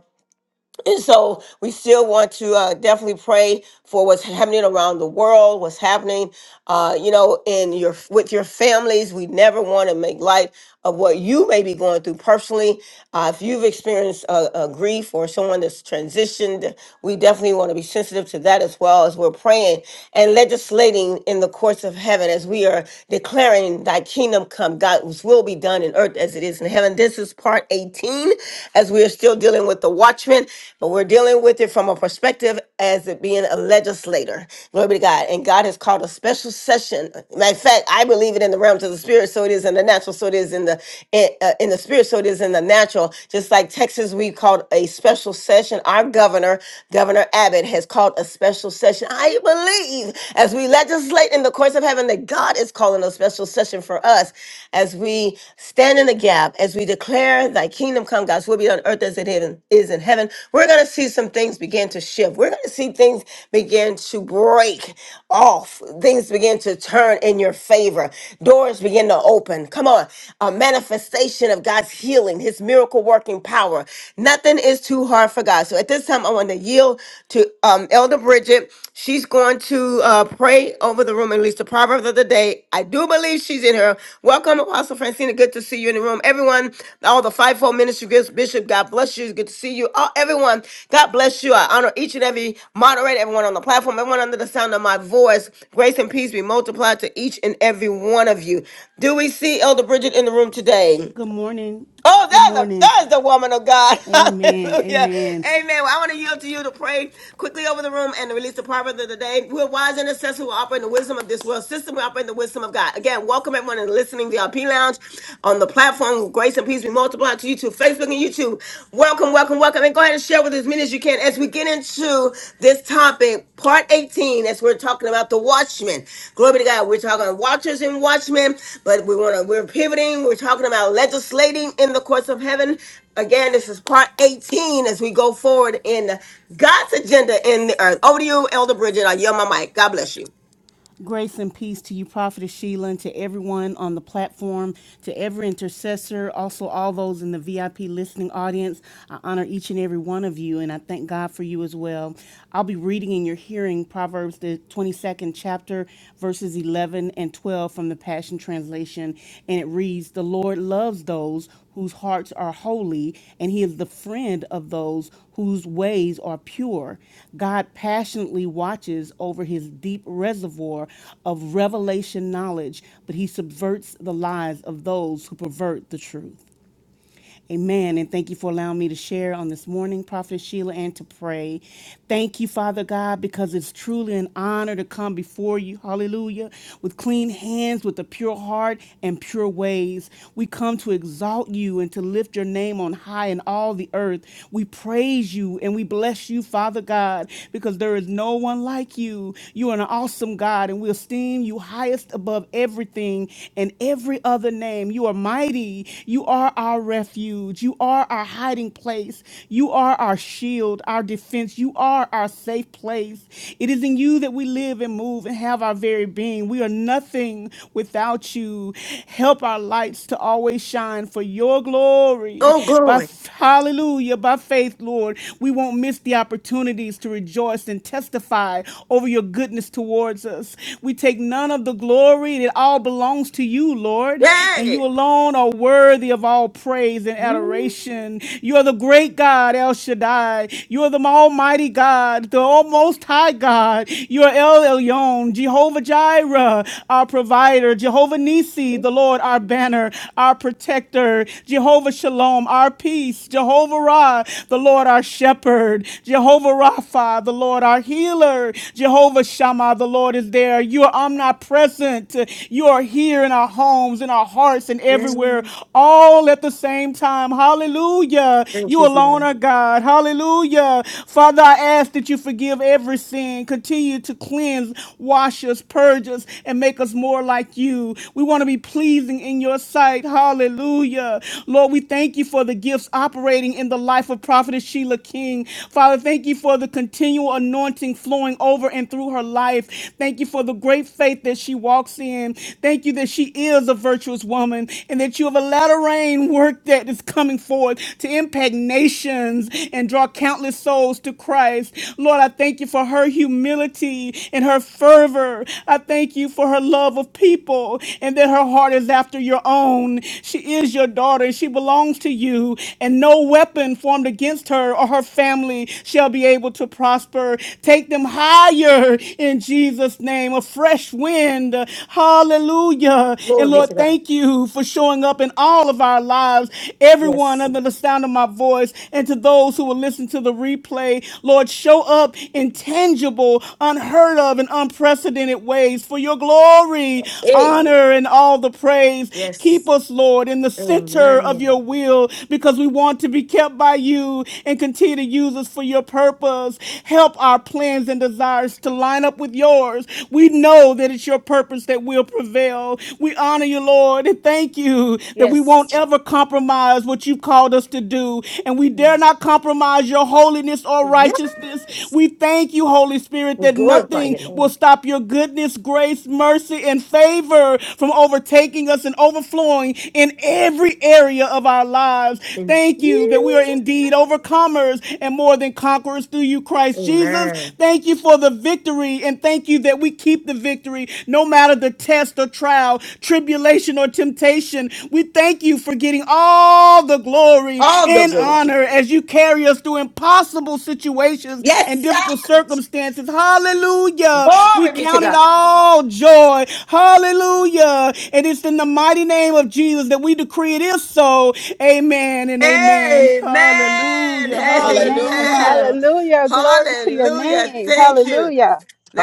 and so we still want to uh, definitely pray for what's happening around the world, what's happening, uh, you know, in your with your families. We never want to make light of what you may be going through personally. Uh, if you've experienced uh, uh, grief or someone that's transitioned, we definitely want to be sensitive to that as well as we're praying and legislating in the courts of heaven as we are declaring Thy kingdom come, God's will be done in in earth as it is in heaven. This is part 18 as we are still dealing with the watchman, but we're dealing with it from a perspective as it being a legislator. Glory be to God. And God has called a special session. Matter of fact, I believe it in the realms of the spirit, so it is in the natural, so it is in the in, uh, in the spirit, so it is in the natural. Just like Texas, we called a special session. Our governor, Governor Abbott, has called a special session. I believe as we legislate is late in the courts of heaven that God is calling a special session for us as we stand in the gap, as we declare thy kingdom come, God's will be on earth as it is is in heaven. We're going to see some things begin to shift. We're going to see things begin to break off. Things begin to turn in your favor. Doors begin to open. Come on. A manifestation of God's healing, his miracle working power. Nothing is too hard for God. So at this time I want to yield to um, Elder Bridget. She's going to uh, pray over the room and release the proverb of the day. I do believe she's in here. Welcome, Apostle Francina. Good to see you in the room. Everyone, all the fivefold ministry gifts, Bishop, God bless you. Good to see you. All, everyone, God bless you. I honor each and every moderator, everyone on the platform, everyone under the sound of my voice. Grace and peace be multiplied to each and every one of you. Do we see Elder Bridget in the room today? Oh, that's a that is the woman of God. Hallelujah. Amen. Well, I want to yield to you to pray quickly over the room and to release the proverb of the day. We're wise intercessors who operate in the wisdom of this world system. We operate in the wisdom of God. Again, welcome everyone in the listening VIP lounge on the platform. Grace and peace be multiplied to you too. Facebook and YouTube. Welcome, welcome, welcome. And go ahead and share with as many as you can as we get into this topic, part 18, as we're talking about the watchmen. Glory to God. We're talking watchers and watchmen, but we want to we're pivoting. We're talking about legislating in the courts of heaven. Again, this is part 18 as we go forward in God's agenda in the earth. Over to you, Elder Bridget. I yell my mic. God bless you.
Grace and peace to you, Prophetess Sheila, and to everyone on the platform, to every intercessor, also all those in the VIP listening audience. I honor each and every one of you, and I thank God for you as well. I'll be reading in your hearing Proverbs, the 22nd chapter, verses 11 and 12 from the Passion Translation, and it reads The Lord loves those whose hearts are holy, and he is the friend of those whose ways are pure. God passionately watches over his deep reservoir of revelation knowledge, but he subverts the lies of those who pervert the truth. Amen. And thank you for allowing me to share on this morning, Prophet Sheila, and to pray. Thank you, Father God, because it's truly an honor to come before you. Hallelujah. With clean hands, with a pure heart, and pure ways. We come to exalt you and to lift your name on high in all the earth. We praise you and we bless you, Father God, because there is no one like you. You are an awesome God, and we esteem you highest above everything and every other name. You are mighty. You are our refuge. You are our hiding place. You are our shield, our defense. You are our safe place. It is in you that we live and move and have our very being. We are nothing without you. Help our lights to always shine for your glory.
Oh,
By
glory.
f- hallelujah, by faith, Lord, we won't miss the opportunities to rejoice and testify over your goodness towards us. We take none of the glory. It all belongs to you, Lord and you
Yay.
alone are worthy of all praise and adoration. You are the great God, El Shaddai. You are the Almighty God, the Most High God. You are El Elyon, Jehovah Jireh, our provider, Jehovah Nissi, the Lord, our banner, our protector, Jehovah Shalom, our peace, Jehovah Ra, the Lord, our shepherd, Jehovah Rapha, the Lord, our healer, Jehovah Shammah, the Lord is there. You are omnipresent. You are here here in our homes, in our hearts, and everywhere, all at the same time. Hallelujah. You alone are God. Hallelujah. Father, I ask that you forgive every sin. Continue to cleanse, wash us, purge us, and make us more like you. We want to be pleasing in your sight. Hallelujah. Lord, we thank you for the gifts operating in the life of Prophetess Sheila King. Father, thank you for the continual anointing flowing over and through her life. Thank you for the great faith that she walks in. Thank you that she is a virtuous woman and that you have allowed a latter rain work that is coming forth to impact nations and draw countless souls to Christ. Lord, I thank you for her humility and her fervor. I thank you for her love of people and that her heart is after your own. She is your daughter and she belongs to you, and no weapon formed against her or her family shall be able to prosper. Take them higher in Jesus' name name, a fresh wind. Hallelujah. And
Glory be
Lord,
to God.
thank you for showing up in all of our lives, everyone
Yes.
under the sound of my voice, and to those who will listen to the replay. Lord, show up in tangible, unheard of, and unprecedented ways for your glory,
Hey.
honor, and all the praise. Keep
Yes.
us, Lord, in the center of
Amen.
your will because we want to be kept by you and continue to use us for your purpose. Help our plans and desires to line up with yours. We know that it's your purpose that will prevail. We honor you, Lord, and thank you that we won't
Yes.
ever compromise what you've called us to do. And we dare not compromise your holiness or
yes.
righteousness. We thank you, Holy Spirit,
We
that
glorify your
nothing
name.
will stop your goodness, grace, mercy, and favor from overtaking us and overflowing in every area of our lives.
In
Thank you that we are
Jesus' name.
indeed overcomers and more than conquerors through you, Christ Jesus.
Amen.
Thank you for the victory, and thank you that we keep the victory no matter the test or trial, tribulation or temptation. We thank you for getting all the glory
All the
and
glory.
honor as you carry us through impossible situations and
Yes, sir.
difficult circumstances. Hallelujah. We
Glory be to
count it
God.
all joy. Hallelujah. And it's in the mighty name of Jesus that we decree it is so. Amen and amen.
Amen.
Hallelujah.
Amen.
Hallelujah.
Amen.
Hallelujah.
Hallelujah. Glory to your
Hallelujah.
name.
Thank you.
Hallelujah.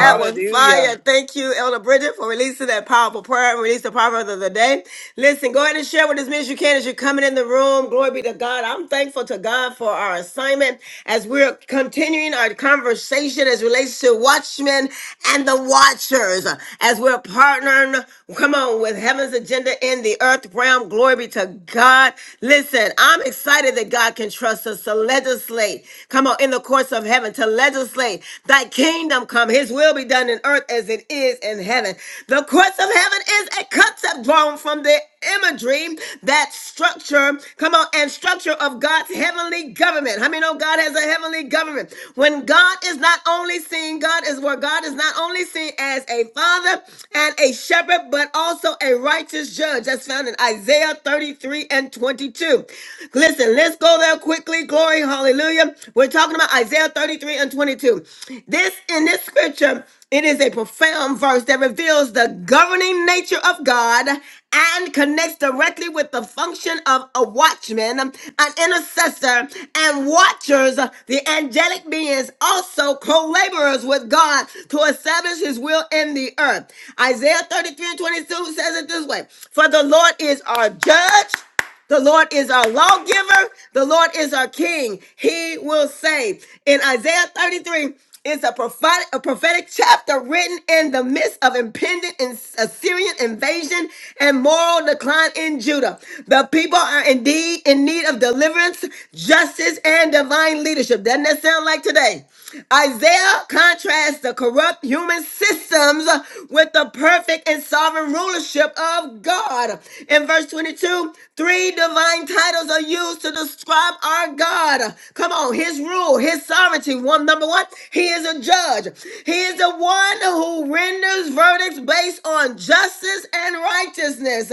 la.
was fire. Thank you, Elder Bridget, for releasing that powerful prayer and release the proverb of the day. Listen, go ahead and share with as many as you can as you're coming in the room. Glory be to God. I'm thankful to God for our assignment as we're continuing our conversation as relates to watchmen and the watchers. As we're partnering, come on, with heaven's agenda in the earth realm. Glory be to God. Listen, I'm excited that God can trust us to legislate. Come on, in the course of heaven of heaven to legislate. Thy kingdom come, his will be done in earth as it is in heaven. The courts of heaven is a concept drawn from the imagery, that structure, come on, and structure of God's heavenly government. How many know God has a heavenly government? When God is not only seen, God is where God is not only seen as a father and a shepherd, but also a righteous judge. That's found in Isaiah 33 and 22. Listen, let's go there quick quickly. Glory, hallelujah. We're talking about Isaiah 33 and 22. This in this scripture, it is a profound verse that reveals the governing nature of God and connects directly with the function of a watchman, an intercessor, and watchers, the angelic beings, also co laborers with God to establish his will in the earth. Isaiah 33 and 22 says it this way For the Lord is our judge the Lord is our lawgiver. The Lord is our king. He will save. In Isaiah 33, it's a prophetic, a prophetic chapter written in the midst of impending As- Assyrian invasion and moral decline in Judah. The people are indeed in need of deliverance, justice, and divine leadership. Doesn't that sound like today? Isaiah contrasts the corrupt human systems with the perfect and sovereign rulership of God. In verse 22, three divine titles are used to describe our God. Come on, his rule, his sovereignty. One number one, he is a judge. He is the one who renders verdicts based on justice and righteousness.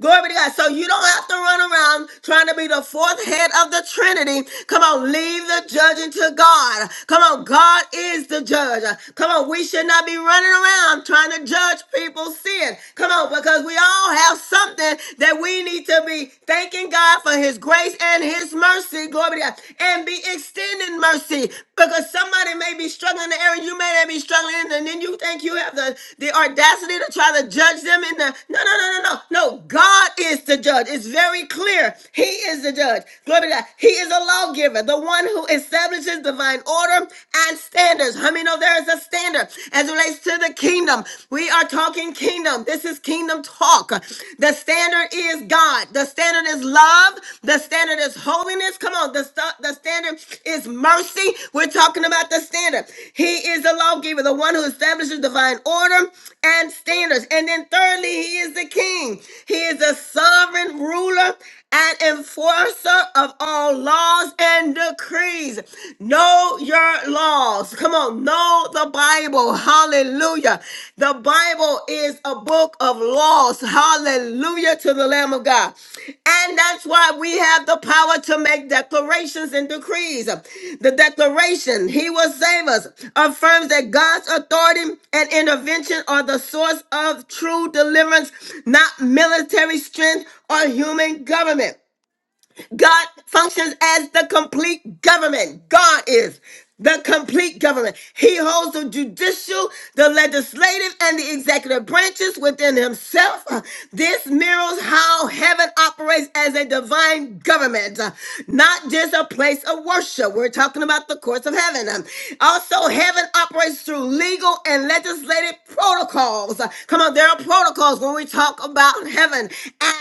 Glory be to God. So you don't have to run around trying to be the fourth head of the Trinity. Come on, leave the judging to God. Come on, God is the judge. Come on, we should not be running around time trying to judge people's sin. Come on, because we all have something that we need to be thanking God for His grace and His mercy. Glory to God. And be extending mercy because somebody may be struggling in the area you may not be struggling in, and then you think you have the, the audacity to try to judge them in the. No, no, no, no, no. No, God is the judge. It's very clear. He is the judge. Glory to God. He is a lawgiver, the one who establishes divine order and standards standards. How many know there is a standard as it relates to the kingdom? We are talking kingdom. This is kingdom talk. The standard is God. The standard is love. The standard is holiness. Come on. The, st- the standard is mercy. We're talking about the standard. He is the lawgiver, the one who establishes divine order and standards. And then thirdly, he is the king. He is the sovereign ruler and enforcer of all laws and decrees. Know your laws. Come on, know the Bible. Hallelujah. The Bible is a book of laws. Hallelujah to the Lamb of God. And that's why we have the power to make declarations and decrees. The declaration, He will save us, affirms that God's authority and intervention are the source of true deliverance, not military strength or human government. God functions as the complete government. God is the complete government. He holds the judicial, the legislative, and the executive branches within himself. Uh, This mirrors how heaven operates as a divine government, uh, not just a place of worship. We're talking about the courts of heaven. Um, Also, heaven operates through legal and legislative protocols. Uh, Come on, there are protocols when we talk about heaven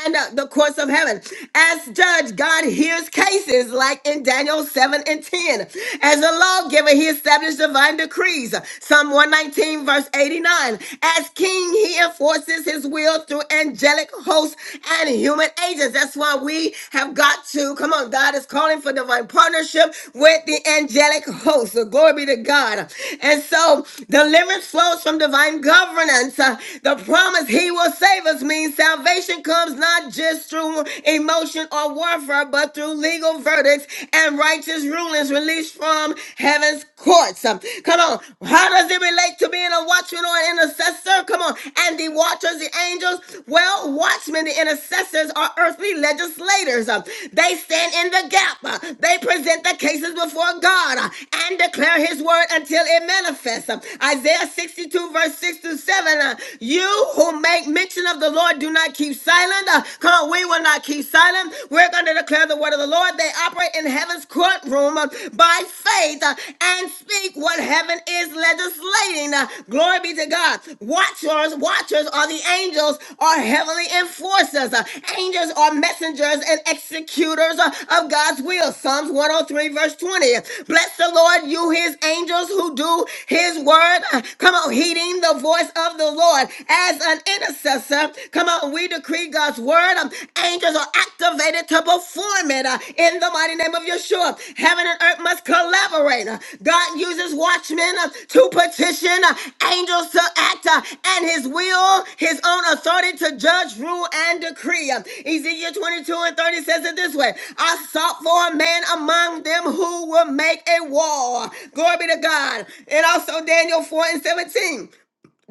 and uh, the courts of heaven done. As judge, God hears cases like in Daniel 7 and 10. As a lawgiver, he established divine decrees. Psalm 119, verse 89. As king, he enforces his will through angelic hosts and human agents. That's why we have got to, come on, God is calling for divine partnership with the angelic hosts. So glory be to God. And so deliverance flows from divine governance. Uh, The promise he will save us means salvation comes comes not just through emotion or warfare, but through legal verdicts and righteous rulings released from heaven's courts. Um, Come on. How does it relate to being a watchman or an intercessor? Come on. And the watchers, the angels? Well, watchmen, the intercessors are earthly legislators. Um, They stand in the gap. Uh, They present the cases before God uh, and declare his word until it manifests. Um, Isaiah 62, verse 6 through 7. uh, You who make mention mountain of the Lord. Do not keep silent. Uh, Come on, we will not keep silent. We're going to declare the word of the Lord. They operate in heaven's courtroom uh, by faith uh, and speak what heaven is legislating. Uh, Glory be to God. Watchers, watchers are the angels, are heavenly enforcers. Uh, Angels are messengers and executors uh, of God's will. Psalms 103, verse 20. Bless the Lord, you his angels who do his word. Uh, Come on, heeding the voice of the Lord. God, as an intercessor, come on, we decree God's word. Um, angels are activated to perform it uh, in the mighty name of Yeshua. Heaven and earth must collaborate. Uh, God uses watchmen uh, to petition, uh, angels to act, uh, and his will, his own authority to judge, rule, and decree. Um, Ezekiel 22 and 30 says it this way I sought for a man among them who will make a wall. Glory be to God. And also Daniel 4 and 17.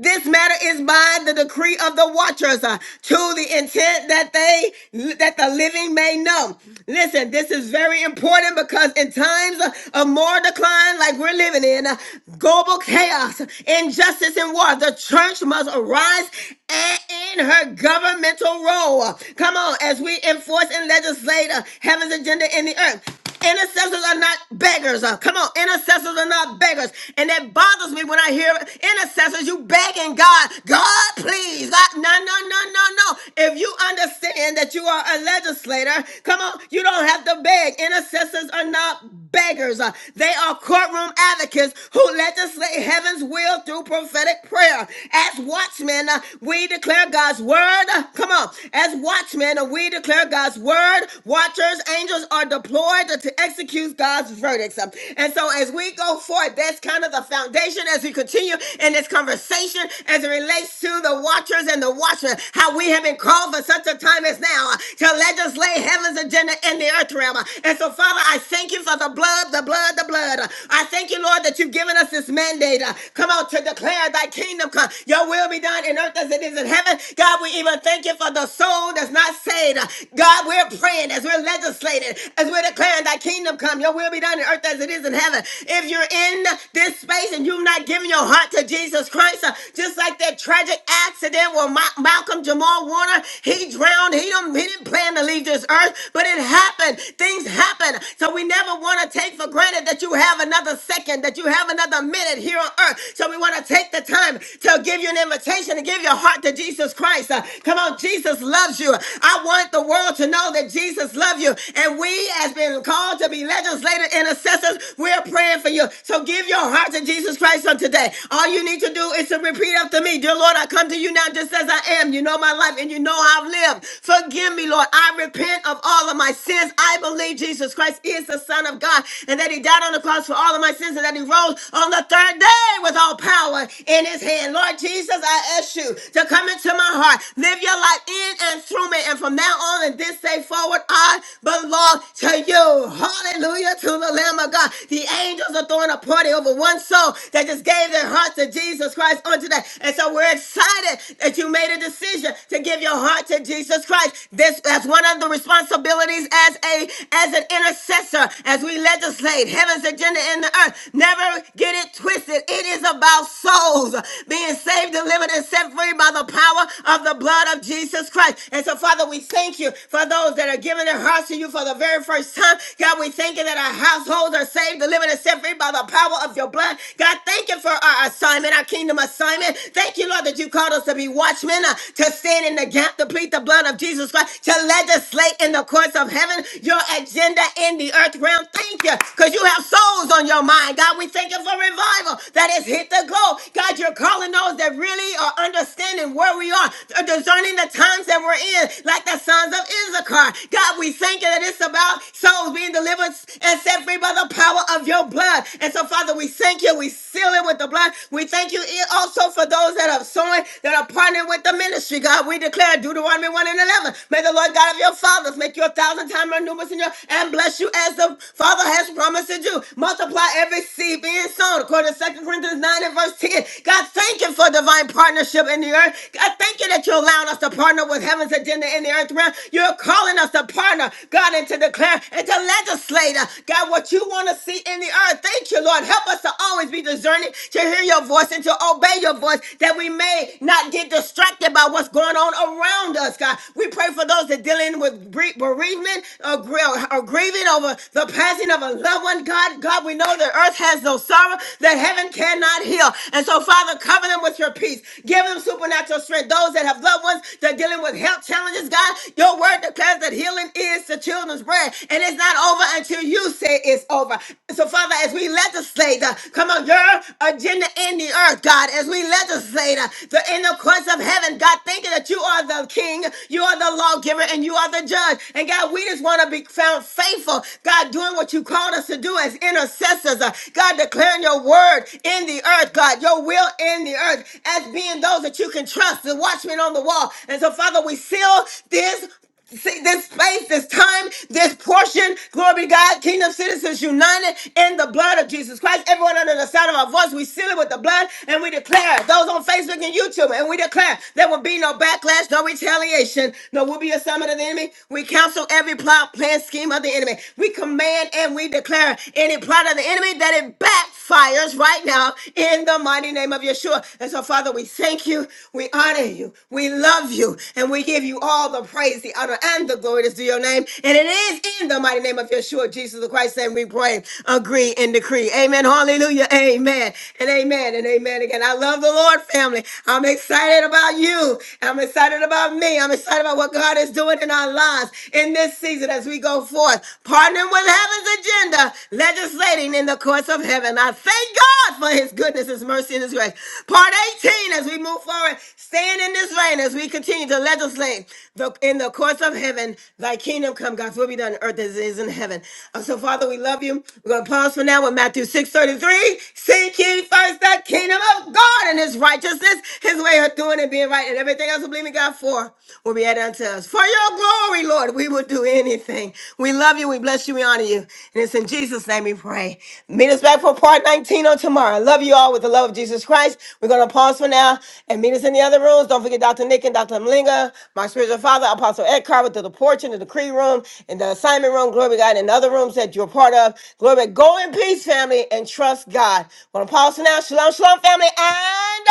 This matter is by the decree of the watchers uh, to the intent that they that the living may know. Listen, this is very important because in times uh, of more decline like we're living in, uh, global chaos, injustice and war, the church must arise and in her governmental role. Come on, as we enforce and legislate uh, heaven's agenda in the earth. Intercessors are not beggars. Uh, Come on, intercessors are not beggars. And that bothers me when when I hear intercessors, you begging God, God, please. God, no, no, no, no, no. If you understand that you are a legislator, come on, you don't have to beg. Intercessors are not beggars. Uh, They are courtroom advocates who legislate heaven's will through prophetic prayer. As watchmen, uh, we declare God's word. Uh, Come on. As watchmen, uh, we declare God's word. Watchers, angels are deployed to to execute God's verdicts. Uh, And so as we go forward, forth. That's kind of the foundation as we continue in this conversation as it relates to the watchers and the watchmen, how we have been called for such a time as now uh, to legislate heaven's agenda in the earth realm. Uh, And so, Father, I thank you for the blood, the blood, the blood. Uh, I thank you, Lord, that you've given us this mandate. uh, Come out to declare thy kingdom come. Your will be done in earth as it is in heaven. God, we even thank you for the soul that's not saved. Uh, God, we're praying as we're legislating, as we're declaring thy kingdom come. Your will be done in on earth as it is in heaven. If you're in this space and you've not given your heart to Jesus Christ, uh, just like that tragic accident where Ma- Malcolm Jamal Warner, he drowned. He don't, he didn't plan to leave this earth, but it happened. Things happen. So we never want to take for granted that you have another second, that you have another minute here on earth. So we want to take the time to give you an invitation to give your heart to Jesus Christ. Uh, come on, Jesus loves you. I want the world to know that Jesus loves you. And we as has been called to be legislative intercessors, we're praying for you. So give your heart to Jesus Christ on today. All you need to do is to repeat after me Dear Lord, I come to you now just as I am. You know my life and you know how I've lived. Forgive me, Lord. I repent of all of my sins. I believe Jesus Christ is the Son of God and that He died on the cross for all of my sins and that He rose on the third day with all power in His hand. Lord Jesus, I ask you to come into my heart. Live your life in and through me. And from now on and this day forward, forward. I belong to you. Hallelujah to the Lamb of God. The angels are throwing a party over one soul that just gave their heart to Jesus Christ on today. And so we're excited that you made a decision to give your heart to Jesus Christ. This that's one of the responsibilities as a as an intercessor, as we legislate heaven's agenda in the earth. Never get it twisted. It is about souls being saved, delivered, and set free by the power of the blood of Jesus Christ. And so so, Father, we thank you for those that are giving their hearts to you for the very first time. God, we thank you that our households are saved, delivered, and set free by the power of your blood. God, thank you for our assignment, our kingdom assignment. Thank you, Lord, that you called us to be watchmen, uh, to stand in the gap, to plead the blood of Jesus Christ, to legislate in the courts of heaven your agenda in the earth realm. Thank you, because you have souls on your mind. God, we thank you for revival that has hit the globe. God, you're calling those that really are understanding where we are uh, discerning the times that we're in, like the sons of Issachar. God, we thank you that it's about souls being delivered and set free by the power of your blood. And so, Father, we thank you. We seal it with the blood. We thank you also for those that are sowing, that are partnering with the ministry. God, we declare Deuteronomy 1 and 11. May the Lord God of your fathers make you a thousand times more numerous in your and bless you as the Father has promised to do. Multiply every seed being sown, according to Second Corinthians 9 and verse 10. God, thank you for divine partnership partnership in the earth. God, thank you that you're allowing us to partner with heaven's agenda in the earth realm. You're calling us to partner, God, and to declare and to legislate, uh, God, what you want to see in the earth. Thank you, Lord. Help us to always be discerning to hear your voice and to obey your voice that we may not get distracted by what's going on around us, God. We pray for those that are dealing with bere- bereavement or, gr- or grieving over the passing of a loved one, God. God, we know the earth has no sorrow that heaven cannot heal. And so, Father, cover them with your peace. Give them supernatural strength. Those that have loved ones that are dealing with health challenges, God, your word declares that healing is the children's bread. And it's not over until you say it's over. So, Father, as we legislate, uh, come on, your agenda in the earth, God, as we legislate uh, the in the courts of heaven, God, thinking that you are the king, you are the lawgiver, and you are the judge. And God, we just want to be found faithful, God, doing what you called us to do as intercessors, uh, God, declaring your your word in the earth, God, your will in the earth, as being those that you can trust, the watchmen on the wall. And so, Father, we seal this See this space, this time, this portion. Glory be to God. Kingdom citizens united in the blood of Jesus Christ. Everyone under the sound of our voice, we seal it with the blood and we declare it. those on Facebook and YouTube, and we declare there will be no backlash, no retaliation, no will be a summit of the enemy. We counsel every plot, plan, scheme of the enemy. We command and we declare any plot plot of the enemy, that it backfires right now in the mighty name of Yeshua. And so, Father, we thank you, we honor you, we love you, and we give you all the praise, the honor, and the glory that's due your name. And it is in the mighty name of Yeshua, Jesus the Christ, and we pray, agree, and decree. Amen. Hallelujah. Amen. And amen. And amen again. I love the Lord, family. I'm excited about you. I'm excited about me. I'm excited about what God is doing in our lives in this season as we go forth, partnering with of heaven's agenda, legislating in the courts of heaven. I thank God for his goodness, his mercy, and his grace. Part 18, as we move forward, stand in this reign as we continue to legislate the, in the courts of heaven. Thy kingdom come, God's will be done on earth as it is in heaven. Uh, so, Father, we love you. We're going to pause for now with Matthew 6.33. Seek ye first the kingdom of God and his righteousness, his way of doing and being right, and everything else we believe in God for will be added unto us. For your glory, Lord, we will do anything anything. We love you. We bless you. We honor you. And it's in Jesus' name we pray. Meet us back for part 19 on tomorrow. love you all with the love of Jesus Christ. We're going to pause for now and meet us in the other rooms. Don't forget Dr. Nick and Dr. Mlinga, my spiritual father, Apostle Ed Carver, to the porch, and the decree room, and the assignment room. Glory be to God, and other rooms that you're part of. Glory. be- Go in peace, family, and trust God. We're going to pause for now. Shalom, shalom, family, and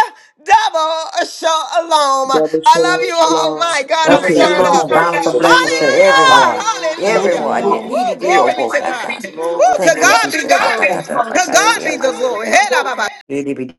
double shalom.
Double
I love
shalom,
you all.
shalom.
My God,
you,
I'm
Ever
stirred
Thank you,
Jesus.
shalom,
up.
Prophet
bountiful blessings to
Sheila.
Hallelujah!
Powerful
everyone.
room
Shalom,
today.
Hallelujah!
Everyone. Yeah,
shalom.
He
Woo,
did the
glory
old
be
book,
to
I
God.
died.
Woo,
Glory,
to
Thank you,
glory,
God be the
Jesus. I
glory.
thought
glory.
I thought about
To
God to
God
be
Thank you,
be
on my
the
Lord.
glory. Hey, da, ba, ba.
side.